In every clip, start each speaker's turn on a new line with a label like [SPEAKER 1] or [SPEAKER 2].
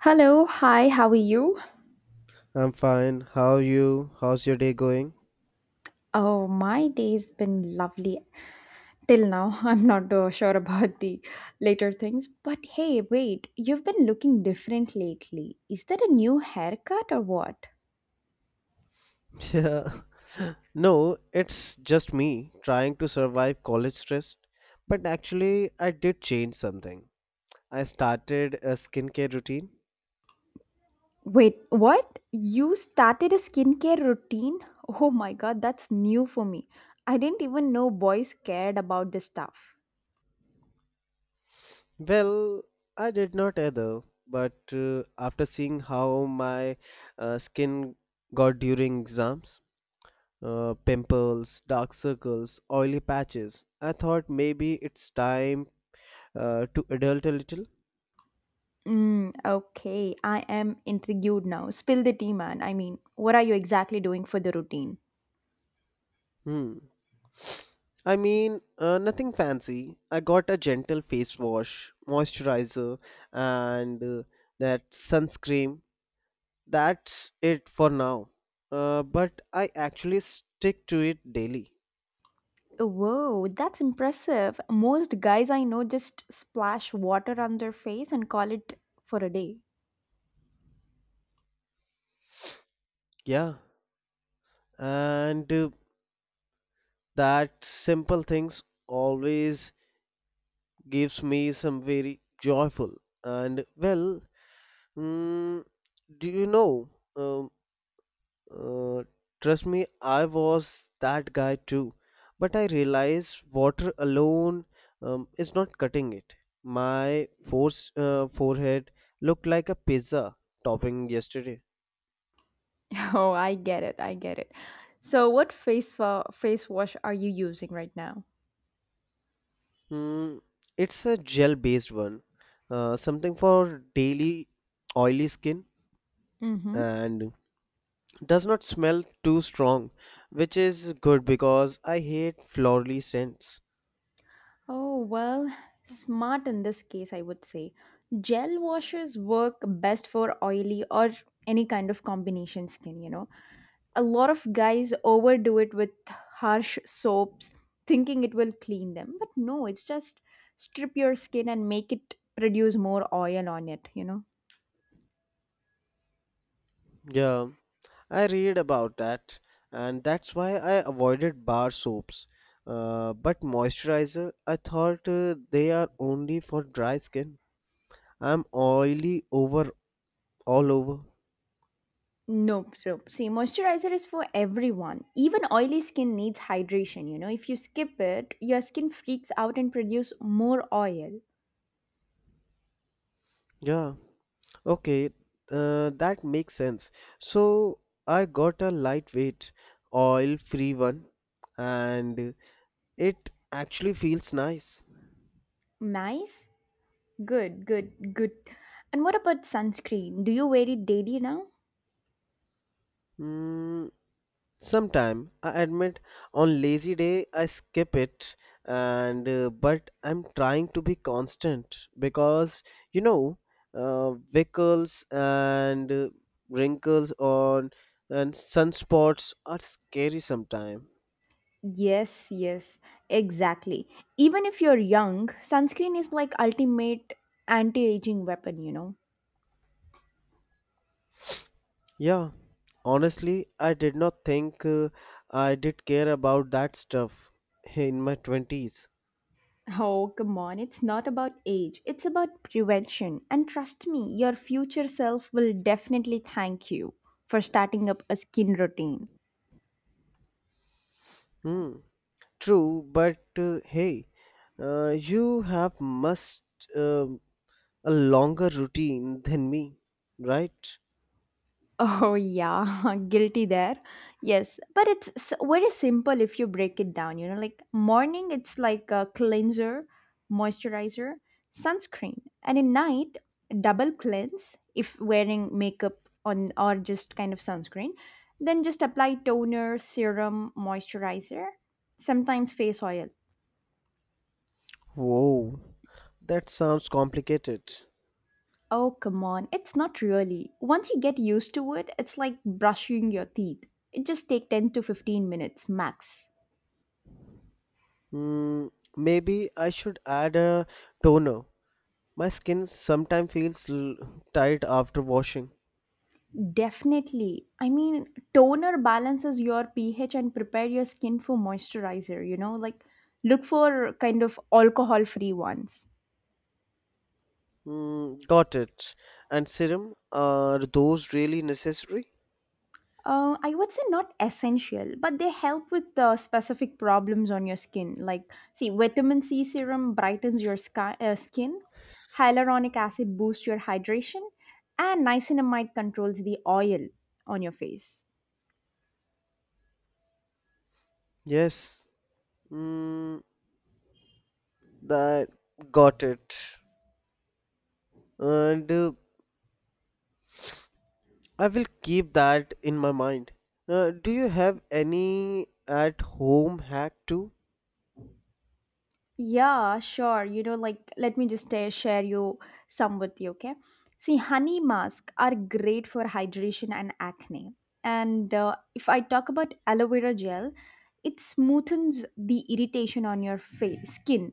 [SPEAKER 1] Hello, hi, how are you?
[SPEAKER 2] I'm fine. How are you? How's your day going?
[SPEAKER 1] Oh, my day's been lovely till now. I'm not sure about the later things, but hey, wait, you've been looking different lately. Is that a new haircut or what?
[SPEAKER 2] Yeah. No, it's just me trying to survive college stress. But actually, I did change something. I started a skincare routine.
[SPEAKER 1] Wait, what? You started a skincare routine? Oh my god, that's new for me. I didn't even know boys cared about this stuff.
[SPEAKER 2] Well, I did not either, but after seeing how my skin got during exams, pimples, dark circles, oily patches, I thought maybe it's time to adult a little.
[SPEAKER 1] Mm, okay, I am intrigued now. Spill the tea, man. I mean, what are you exactly doing for the routine?
[SPEAKER 2] Hmm. I mean, nothing fancy. I got a gentle face wash, moisturizer, and that sunscreen. That's it for now. But I actually stick to it daily.
[SPEAKER 1] Whoa, that's impressive. Most guys I know just splash water on their face and call it for a day.
[SPEAKER 2] Yeah, and that simple things always gives me some very joyful and well, mm, do you know? Um, Uh, Trust me, I was that guy too. But I realized water alone is not cutting it. My forehead looked like a pizza topping yesterday.
[SPEAKER 1] Oh, I get it. I get it. So, what face wash are you using right now?
[SPEAKER 2] Hmm, it's a gel based one, something for daily oily skin
[SPEAKER 1] Mm-hmm.
[SPEAKER 2] and does not smell too strong, which is good because I hate floral scents.
[SPEAKER 1] Oh, well, smart in this case, I would say. Gel washes work best for oily or any kind of combination skin, you know. A lot of guys overdo it with harsh soaps thinking it will clean them, but no, it's just strip your skin and make it produce more oil on it, you know.
[SPEAKER 2] Yeah. I read about that, and that's why I avoided bar soaps. But moisturizer, I thought they are only for dry skin. I'm oily over all over.
[SPEAKER 1] No, so see, moisturizer is for everyone. Even oily skin needs hydration, you know. If you skip it, your skin freaks out and produce more oil.
[SPEAKER 2] Yeah, okay, that makes sense. So I got a lightweight, oil-free one, and it actually feels nice.
[SPEAKER 1] Nice. Good, good, good. And what about sunscreen? Do you wear it daily now?
[SPEAKER 2] Mm, Sometime I admit on lazy day I skip it and but I'm trying to be constant because you know wrinkles and wrinkles on and sunspots are scary sometime.
[SPEAKER 1] Yes, yes, exactly. Even if you're young, sunscreen is like ultimate anti-aging weapon, you know.
[SPEAKER 2] Yeah, honestly, I did not think I did care about that stuff hey, in my 20s.
[SPEAKER 1] Oh, come on, it's not about age. It's about prevention. And trust me, your future self will definitely thank you for starting up a skin routine.
[SPEAKER 2] Hmm. True, but hey, you have must. Uh, a longer routine than me, right?
[SPEAKER 1] Oh, yeah, guilty there. Yes, but very simple if you break it down. You know, like morning, it's like a cleanser, moisturizer, sunscreen, and at night, double cleanse if wearing makeup on or just kind of sunscreen. Then just apply toner, serum, moisturizer, sometimes face oil.
[SPEAKER 2] Whoa, that sounds complicated.
[SPEAKER 1] Oh, come on, it's not really. Once you get used to it, it's like brushing your teeth. It just take 10 to 15 minutes max.
[SPEAKER 2] Mm, Maybe I should add a toner. My skin sometimes feels tight after washing.
[SPEAKER 1] Definitely. I mean, toner balances your pH and prepare your skin for moisturizer, you know, like look for kind of alcohol free ones.
[SPEAKER 2] Got it. And serum, are those really necessary?
[SPEAKER 1] I would say not essential, but they help with specific problems on your skin. Like, see, vitamin C serum brightens your skin, hyaluronic acid boosts your hydration, and niacinamide controls the oil on your face.
[SPEAKER 2] Yes. Hmm. that got it. And I will keep that in my mind. Do you have any at home hack too?
[SPEAKER 1] Yeah, sure. You know, like let me just share you some with you, okay? See, honey masks are great for hydration and acne. And if I talk about aloe vera gel, it smoothens the irritation on your face, skin.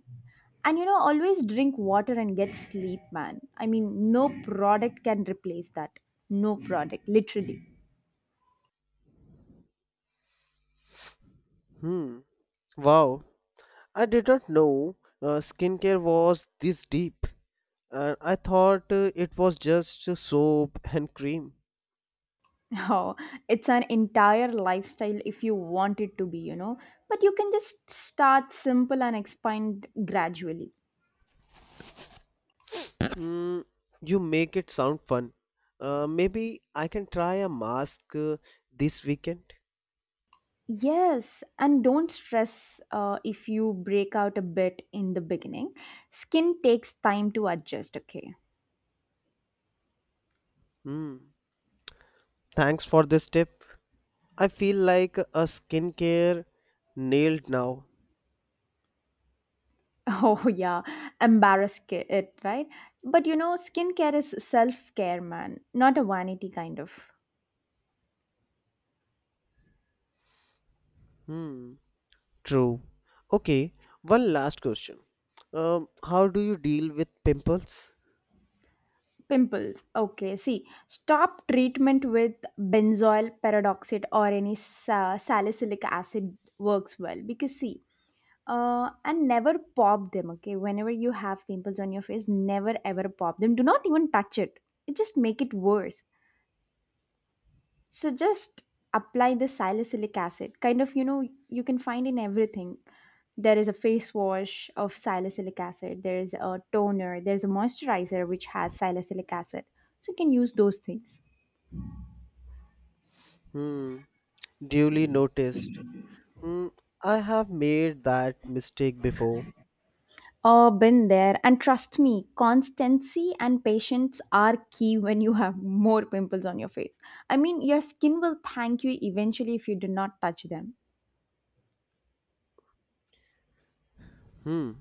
[SPEAKER 1] And you know, always drink water and get sleep, man. I mean, no product can replace that. No product, literally.
[SPEAKER 2] Hmm. Wow, I did not know skincare was this deep. And I thought it was just soap and cream.
[SPEAKER 1] Oh, it's an entire lifestyle if you want it to be, you know. But you can just start simple and expand gradually.
[SPEAKER 2] Mm, you make it sound fun. Maybe I can try a mask this weekend.
[SPEAKER 1] Yes, and don't stress if you break out a bit in the beginning. Skin takes time to adjust, okay?
[SPEAKER 2] Hmm. Thanks for this tip. I feel like a skincare nailed now.
[SPEAKER 1] Oh, yeah, it, right? But you know, skincare is self care, man, not a vanity kind of.
[SPEAKER 2] Hmm. True. Okay, one last question. How do you deal with pimples?
[SPEAKER 1] Pimples. Okay, see, stop treatment with benzoyl peroxide or any salicylic acid works well because see, and never pop them. Okay, whenever you have pimples on your face, never ever pop them. Do not even touch it. It just make it worse. So just apply the salicylic acid. Kind of, you know, you can find in everything. There is a face wash of salicylic acid, there is a toner, there's a moisturizer which has salicylic acid. So you can use those things.
[SPEAKER 2] Hmm. Duly noticed. Mm, I have made that mistake before.
[SPEAKER 1] Oh, been there. And trust me, constancy and patience are key when you have more pimples on your face. I mean, your skin will thank you eventually if you do not touch them.
[SPEAKER 2] Hmm.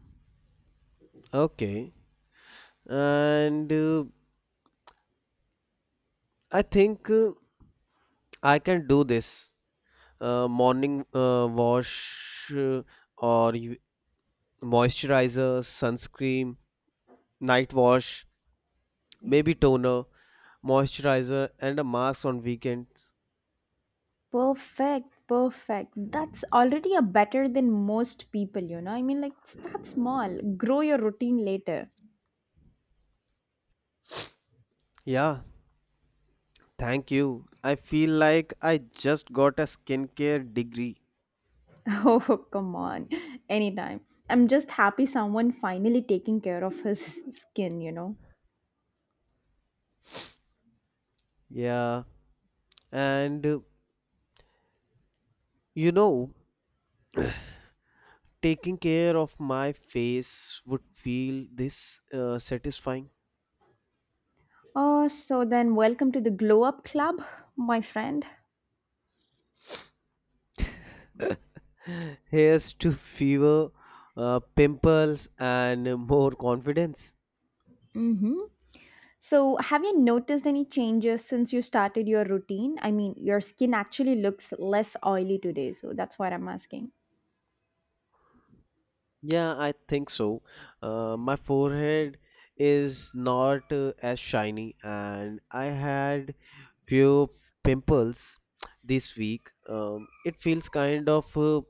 [SPEAKER 2] Okay. And I think I can do this. Morning wash or you- moisturizer, sunscreen, night wash, maybe toner, moisturizer, and a mask on weekends.
[SPEAKER 1] Perfect, perfect. That's already a better than most people, you know. I mean, like, start small, grow your routine later.
[SPEAKER 2] Yeah. Thank you. I feel like I just got a skincare degree.
[SPEAKER 1] Oh, come on, anytime. I'm just happy someone finally taking care of his skin, you know.
[SPEAKER 2] Yeah. And you know, taking care of my face would feel this satisfying.
[SPEAKER 1] Oh, so then welcome to the Glow Up Club, my friend.
[SPEAKER 2] Hairs to fever, pimples, and more confidence.
[SPEAKER 1] Mm-hmm. So, have you noticed any changes since you started your routine? I mean, your skin actually looks less oily today, so that's what I'm asking.
[SPEAKER 2] Yeah, I think so. My forehead is not as shiny, and I had few pimples this week. It feels kind of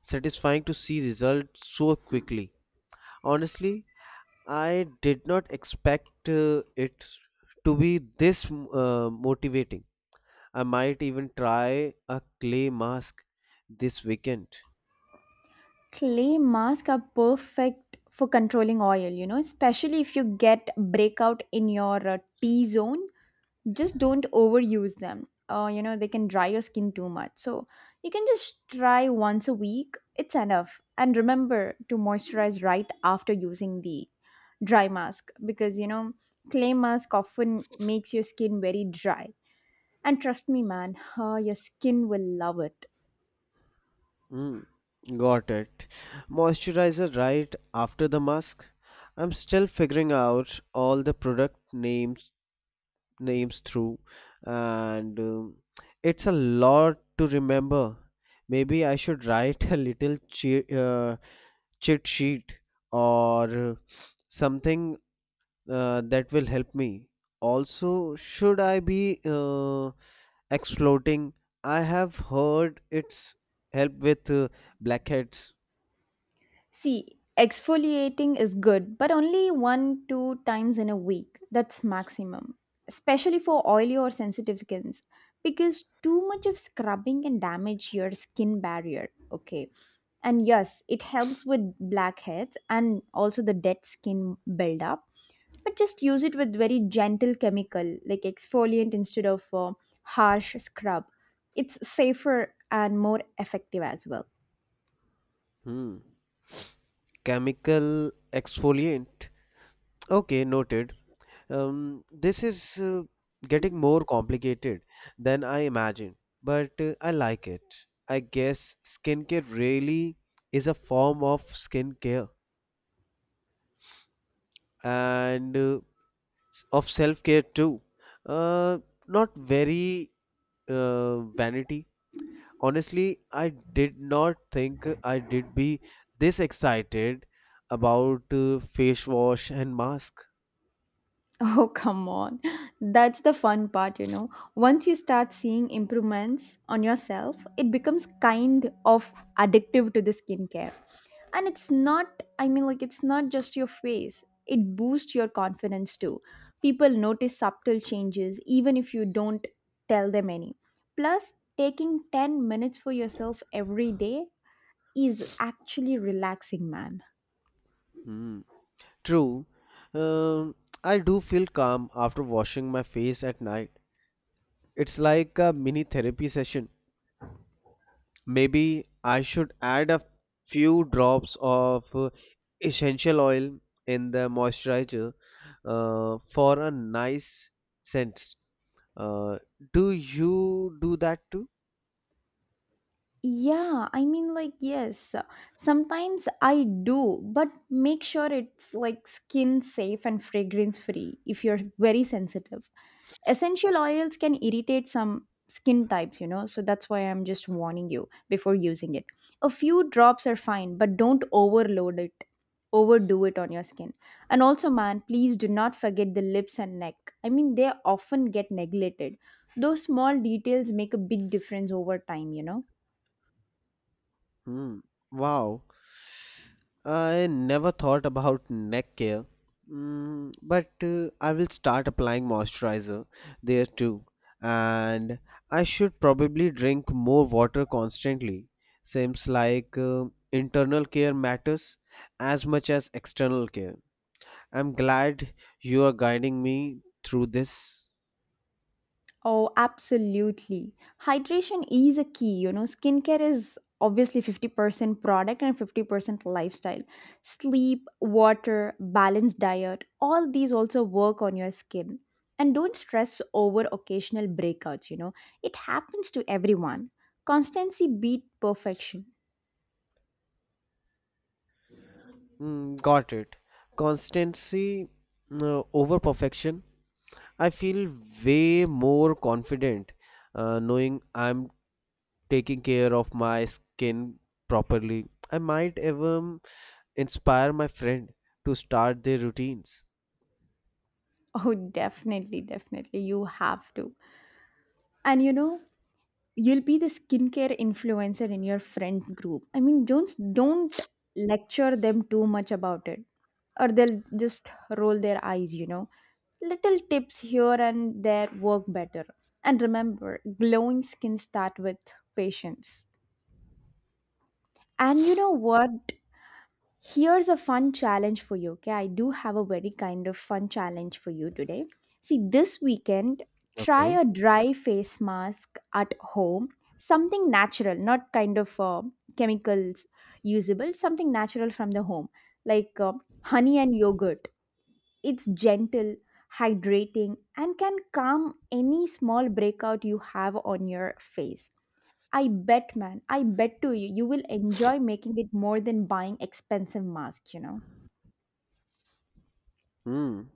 [SPEAKER 2] satisfying to see results so quickly. Honestly, I did not expect it to be this motivating. I might even try a clay mask this weekend.
[SPEAKER 1] Clay masks are perfect for controlling oil, you know, especially if you get breakout in your t zone. Just don't overuse them, you know, they can dry your skin too much. So you can just try once a week, it's enough. And remember to moisturize right after using the dry mask, because you know, clay mask often makes your skin very dry. And trust me, man, your skin will love it.
[SPEAKER 2] Mm, got it. Moisturizer right after the mask. I'm still figuring out all the product names through and it's a lot to remember. Maybe I should write a little cheat sheet or something that will help me. Also, should I be exfoliating? I have heard it's help with blackheads.
[SPEAKER 1] See, exfoliating is good, but only one, two times in a week. That's maximum. Especially for oily or sensitive skins. Because too much of scrubbing can damage your skin barrier. Okay. And yes, it helps with blackheads and also the dead skin buildup. But just use it with very gentle chemical like exfoliant instead of harsh scrub. It's safer and more effective as well.
[SPEAKER 2] Hmm. Chemical exfoliant. Okay, noted. This is getting more complicated than I imagined, but I like it. I guess skincare really is a form of skincare and of self care too. Uh, Not very vanity. Honestly, I did not think I did be this excited about face wash and mask.
[SPEAKER 1] Oh, come on. That's the fun part, you know. Once you start seeing improvements on yourself, it becomes kind of addictive to the skincare. And it's not, I mean, like, it's not just your face, it boosts your confidence too. People notice subtle changes even if you don't tell them any. Plus, taking 10 minutes for yourself every day is actually relaxing, man.
[SPEAKER 2] Hmm. True. Um, I do feel calm after washing my face at night. It's like a mini therapy session. Maybe I should add a few drops of essential oil in the moisturizer for a nice scent. Uh, do you do that too?
[SPEAKER 1] Yeah, I mean, like, yes, sometimes I do, but make sure it's like skin safe and fragrance free if you're very sensitive. Essential oils can irritate some skin types, you know, so that's why I'm just warning you before using it. A few drops are fine, but don't overload it, overdo it on your skin. And also, man, please do not forget the lips and neck. I mean, they often get neglected. Those small details make a big difference over time, you know.
[SPEAKER 2] Hmm. Wow. I never thought about neck care. But I will start applying moisturizer there too. And I should probably drink more water constantly. Seems like internal care matters as much as external care. I'm glad you are guiding me through this.
[SPEAKER 1] Oh, absolutely. Hydration is a key. You know, skincare is obviously 50% product and 50% lifestyle. Sleep, water, balanced diet, all these also work on your skin. And don't stress over occasional breakouts, you know, it happens to everyone. Constancy beat perfection.
[SPEAKER 2] Got it. Constancy over perfection I feel way more confident knowing I'm taking care of my skin properly. I might even inspire my friend to start their routines.
[SPEAKER 1] Oh, definitely, definitely. You have to. And you know, you'll be the skincare influencer in your friend group. I mean, Jones, don't lecture them too much about it, or they'll just roll their eyes, you know. Little tips here and there work better. And remember, glowing skin start with patience. And you know what? Here's a fun challenge for you. Okay, I do have a very kind of fun challenge for you today. See, this weekend, try
[SPEAKER 2] Okay.
[SPEAKER 1] a dry face mask at home, something natural, not kind of chemicals usable, something natural from the home, like honey and yogurt. It's gentle, hydrating, and can calm any small breakout you have on your face. I bet, man. I bet to you, you will enjoy making it more than buying expensive masks, you know.
[SPEAKER 2] Hmm.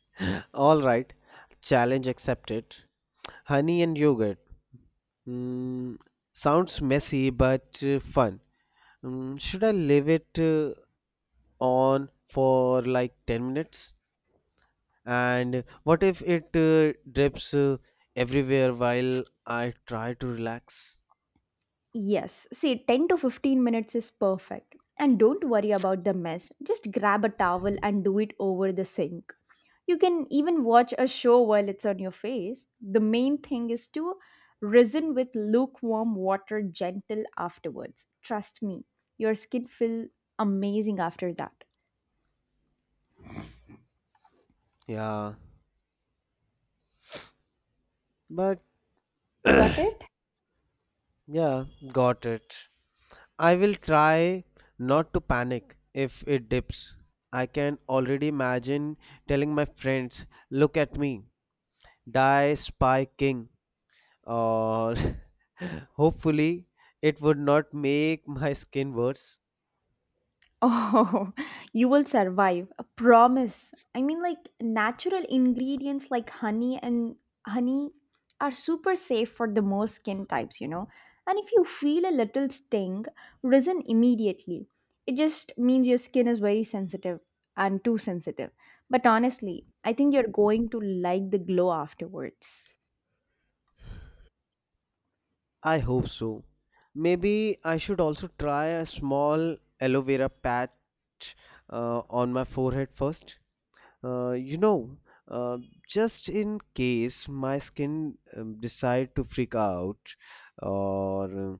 [SPEAKER 2] All right. Challenge accepted. Honey and yogurt. Hmm. Sounds messy but fun. Hmm. Should I leave it on for like 10 minutes? And what if it drips everywhere while I try to relax?
[SPEAKER 1] Yes. See, 10 to 15 minutes is perfect. And don't worry about the mess. Just grab a towel and do it over the sink. You can even watch a show while it's on your face. The main thing is to resin with lukewarm water gentle afterwards. Trust me, your skin feel amazing after that.
[SPEAKER 2] Yeah, but
[SPEAKER 1] Got it?
[SPEAKER 2] yeah, got it. I will try not to panic if it dips. I can already imagine telling my friends, look at me, die spy king, or hopefully it would not make my skin worse.
[SPEAKER 1] Oh, you will survive. I promise. I mean, like natural ingredients like honey are super safe for the most skin types, you know. And if you feel a little sting, resin immediately. It just means your skin is very sensitive and too sensitive. But honestly, I think you're going to like the glow afterwards.
[SPEAKER 2] I hope so. Maybe I should also try a small aloe vera patch on my forehead first. Uh, you know, uh, just in case my skin decide to freak out, or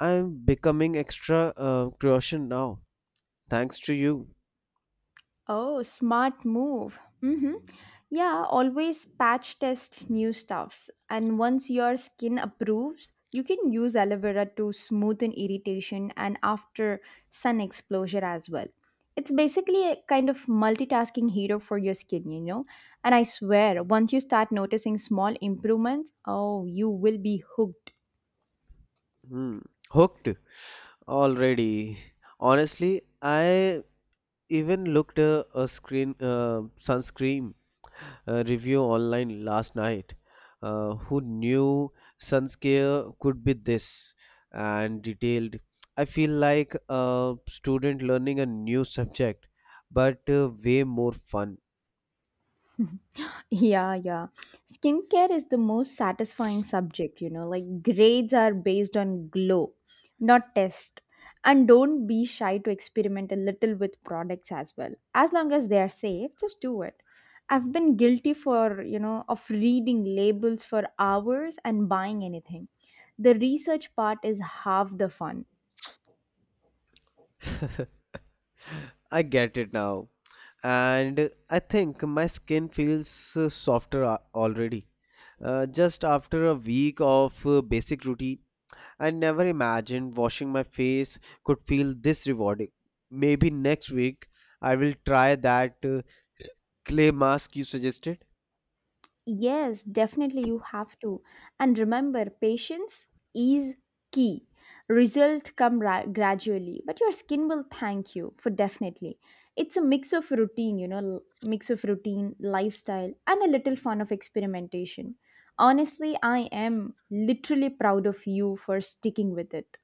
[SPEAKER 2] I'm becoming extra caution now. Thanks to you,
[SPEAKER 1] Oh, smart move. Mm-hmm. Yeah, always patch test new stuffs. And once your skin approves, you can use aloe vera to smoothen irritation and after sun exposure as well. It's basically a kind of multitasking hero for your skin, you know. And I swear, once you start noticing small improvements, oh, you will be hooked.
[SPEAKER 2] hmm. hooked already. Honestly, I even looked a screen sunscreen review online last night, who knew sunscare could be this and detailed. I feel like a student learning a new subject, but way more fun.
[SPEAKER 1] Yeah, yeah. Skincare is the most satisfying subject, you know. Like grades are based on glow, not test. And don't be shy to experiment a little with products as well. As long as they are safe, just do it. I've been guilty for, you know, of reading labels for hours and buying anything. The research part is half the fun.
[SPEAKER 2] I get it now, and I think my skin feels softer already, just after a week of basic routine. I never imagined washing my face could feel this rewarding. Maybe next week I will try that clay mask you suggested.
[SPEAKER 1] Yes, definitely you have to. And remember, patience is key. Result gradually, but your skin will thank you for definitely. It's a mix of routine, you know, mix of routine, lifestyle, and a little fun of experimentation. Honestly, I am literally proud of you for sticking with it.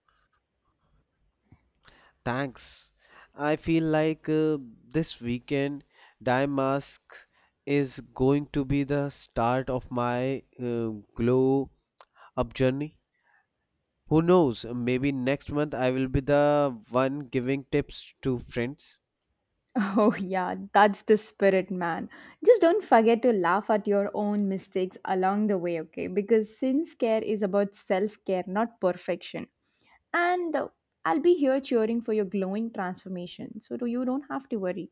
[SPEAKER 2] Thanks. I feel like this weekend dye mask is going to be the start of my glow up journey. Who knows? Maybe next month I will be the one giving tips to friends.
[SPEAKER 1] Oh, yeah, that's the spirit, man. Just don't forget to laugh at your own mistakes along the way, okay? Because since care is about self care, not perfection. And I'll be here cheering for your glowing transformation, so you don't have to worry.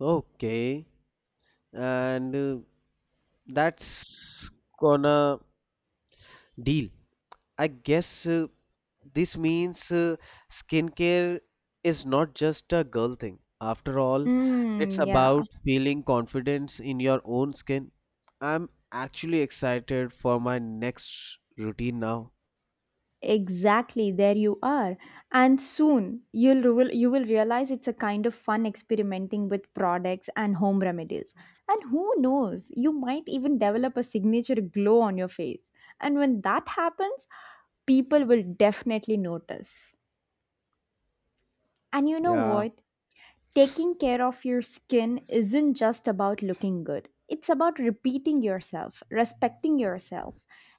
[SPEAKER 2] Okay, and that's gonna deal. I guess this means skincare is not just a girl thing. After all, it's
[SPEAKER 1] Mm, yeah.
[SPEAKER 2] about feeling confidence in your own skin. I'm actually excited for my next routine now.
[SPEAKER 1] Exactly, there you are. And soon you will realize it's a kind of fun experimenting with products and home remedies. And who knows, you might even develop a signature glow on your face. And when that happens, people will definitely notice. And you know
[SPEAKER 2] Yeah.
[SPEAKER 1] what? Taking care of your skin isn't just about looking good. It's about repeating yourself, respecting yourself.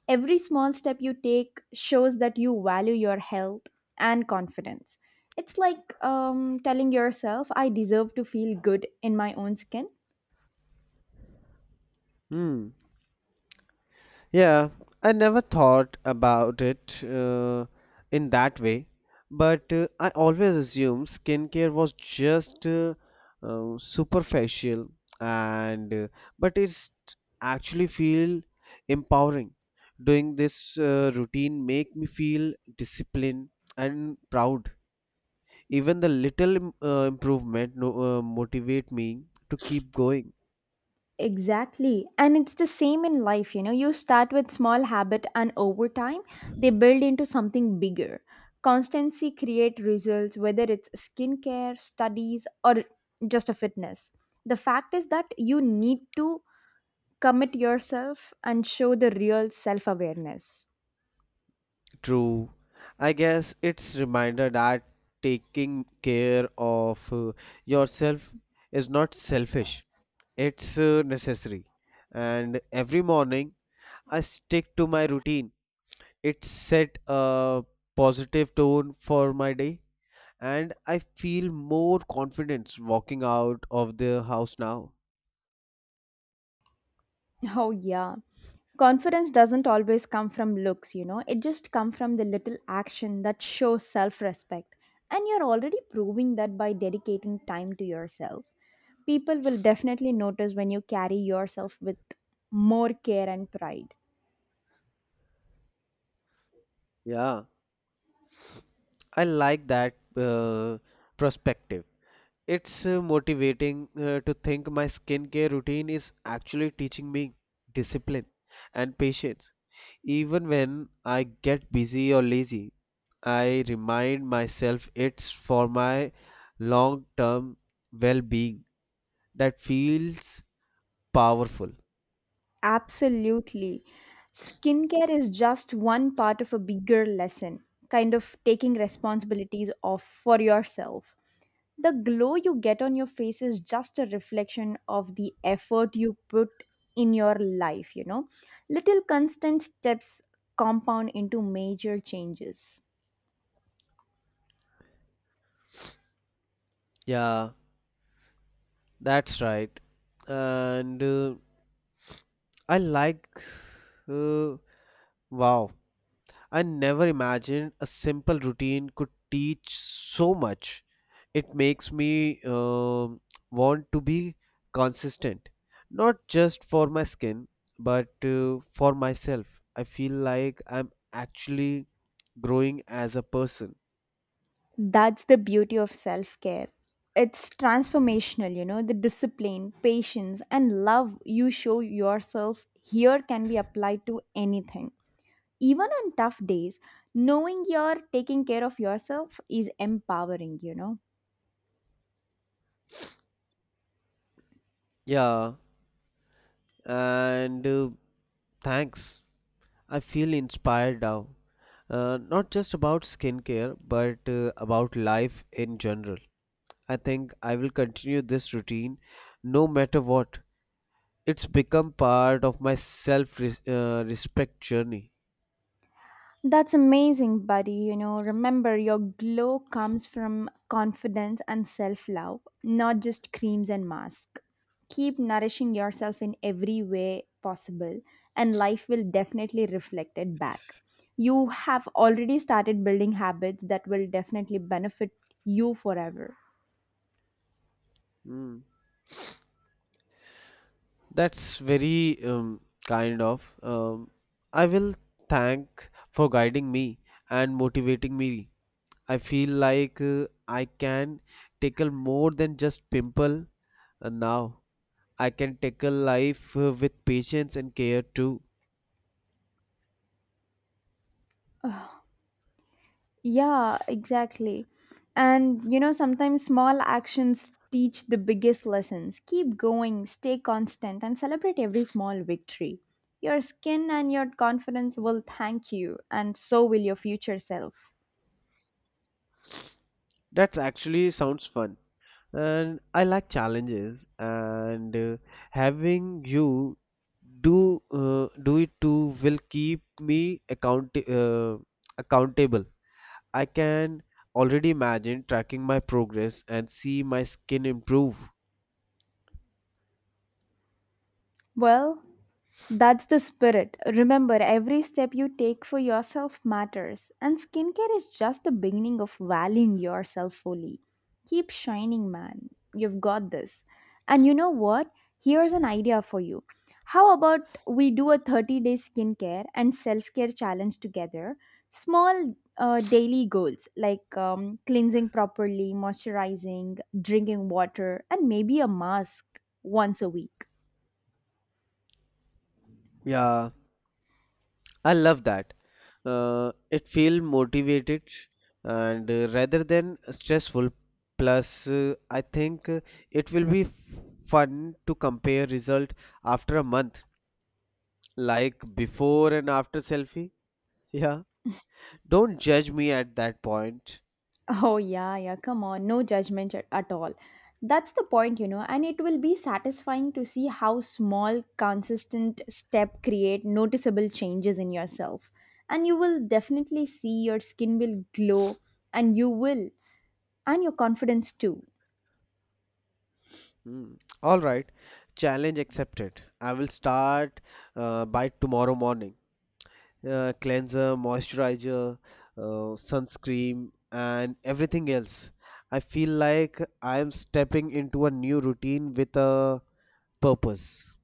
[SPEAKER 1] Every small step you take shows that you value your health and confidence. It's like telling yourself, I deserve to feel good in my own skin.
[SPEAKER 2] Hmm. Yeah, I never thought about it in that way, but I always assumed skincare was just superficial and but it's actually feel empowering. Doing this routine make me feel disciplined and proud. Even the little improvement no, motivate me to keep going.
[SPEAKER 1] Exactly. And it's the same in life, you know. You start with small habit and over time they build into something bigger. Constancy create results whether it's skincare, studies or just a fitness. The fact is that you need to commit yourself and show the real self-awareness.
[SPEAKER 2] True. I guess it's reminder that taking care of yourself is not selfish. It's necessary. And every morning I stick to my routine. It set a positive tone for my day, and I feel more confidence walking out of the house now.
[SPEAKER 1] Oh, yeah. Confidence doesn't always come from looks, you know. It just comes from the little action that shows self-respect, and you're already proving that by dedicating time to yourself. People will definitely notice when you carry yourself with more care and pride.
[SPEAKER 2] Yeah, I like that perspective. It's motivating to think my skincare routine is actually teaching me discipline and patience. Even when I get busy or lazy, I remind myself it's for my long term well being. That feels powerful.
[SPEAKER 1] Absolutely. Skincare is just one part of a bigger lesson, kind of taking responsibilities of for yourself. The glow you get on your face is just a reflection of the effort you put in your life, you know. Little constant steps compound into major changes.
[SPEAKER 2] Yeah, that's right. And I like, uh, wow, I never imagined a simple routine could teach so much. It makes me want to be consistent, not just for my skin, but for myself. I feel like I'm actually growing as a person.
[SPEAKER 1] That's the beauty of self care. It's transformational, you know. The discipline, patience, and love you show yourself here can be applied to anything. Even on tough days, knowing you're taking care of yourself is empowering, you know.
[SPEAKER 2] Yeah, and thanks. I feel inspired now. Not just about skincare, but about life in general. I think I will continue this routine no matter what. It's become part of my self respect journey.
[SPEAKER 1] That's amazing, buddy. You know, remember your glow comes from confidence and self love, not just creams and masks. Keep nourishing yourself in every way possible, and life will definitely reflect it back. You have already started building habits that will definitely benefit you forever.
[SPEAKER 2] Mm, that's very kind of. I will thank for guiding me and motivating me. I feel like I can tackle more than just pimple now. I can tackle life with patience and care too.
[SPEAKER 1] Yeah, exactly. And you know, sometimes small actions teach the biggest lessons. Keep going, stay constant, and celebrate every small victory. Your skin and your confidence will thank you, and so will your future self.
[SPEAKER 2] That's actually sounds fun. And I like challenges, and having you do it too will keep me accountable. I can already imagine tracking my progress and see my skin improve.
[SPEAKER 1] Well, that's the spirit. Remember, every step you take for yourself matters, and skincare is just the beginning of valuing yourself fully. Keep shining, man. You've got this. And you know what? Here's an idea for you. How about we do a 30-day skincare and self care challenge together? Small daily goals like cleansing properly, moisturizing, drinking water, and maybe a mask once a week.
[SPEAKER 2] Yeah, I love that. It feel motivated and rather than stressful. Plus, I think it will be fun to compare result after a month. Like before and after selfie? Yeah. Don't judge me at that point.
[SPEAKER 1] Oh, yeah, yeah, come on, no judgment at all. That's the point, you know, and it will be satisfying to see how small, consistent step create noticeable changes in yourself. And you will definitely see your skin will glow, and you will, and your confidence too.
[SPEAKER 2] Hmm. All right. Challenge accepted. I will start by tomorrow morning. Cleanser, moisturizer, sunscreen, and everything else. I feel like I am stepping into a new routine with a purpose.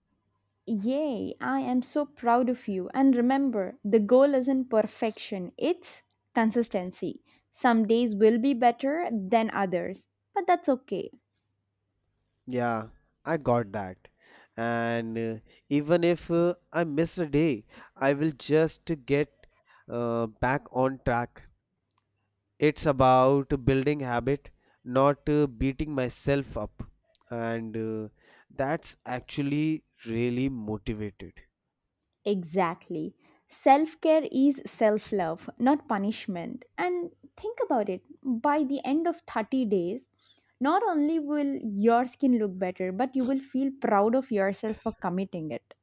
[SPEAKER 1] Yay, I am so proud of you. And remember, the goal isn't perfection, it's consistency. Some days will be better than others, but that's okay.
[SPEAKER 2] Yeah, I got that. And even if I miss a day, I will just get back on track. It's about building habit, not beating myself up. And that's actually really motivated.
[SPEAKER 1] Exactly. Self care is self love, not punishment. And think about it, by the end of 30 days, not only will your skin look better, but you will feel proud of yourself for committing it.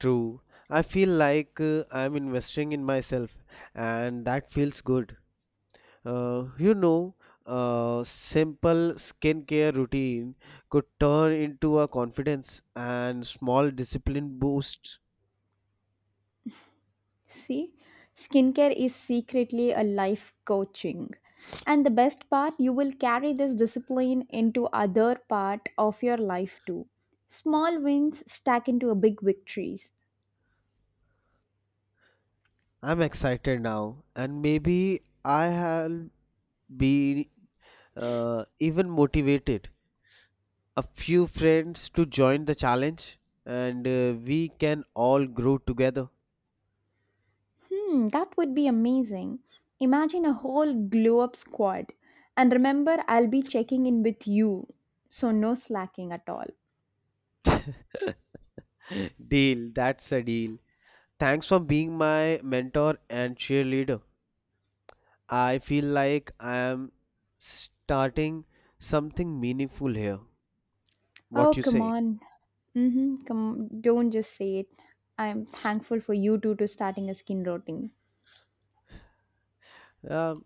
[SPEAKER 2] True. I feel like I'm investing in myself, and that feels good. Uh, you know, a simple skincare routine could turn into a confidence and small discipline boost.
[SPEAKER 1] See, skincare is secretly a life coaching. And the best part, you will carry this discipline into other part of your life too. Small wins stack into a big victories.
[SPEAKER 2] I'm excited now, and maybe I'll be even motivated. A few friends to join the challenge, and we can all grow together.
[SPEAKER 1] Hmm, that would be amazing. Imagine a whole glow up squad. And remember, I'll be checking in with you. So no slacking at all.
[SPEAKER 2] Deal, that's a deal. Thanks for being my mentor and cheerleader. I feel like I am starting something meaningful here.
[SPEAKER 1] Oh,
[SPEAKER 2] What you
[SPEAKER 1] come
[SPEAKER 2] say?
[SPEAKER 1] on. Mm-hmm, come, don't just say it. I'm thankful for you two to starting a skin routine.
[SPEAKER 2] Uh,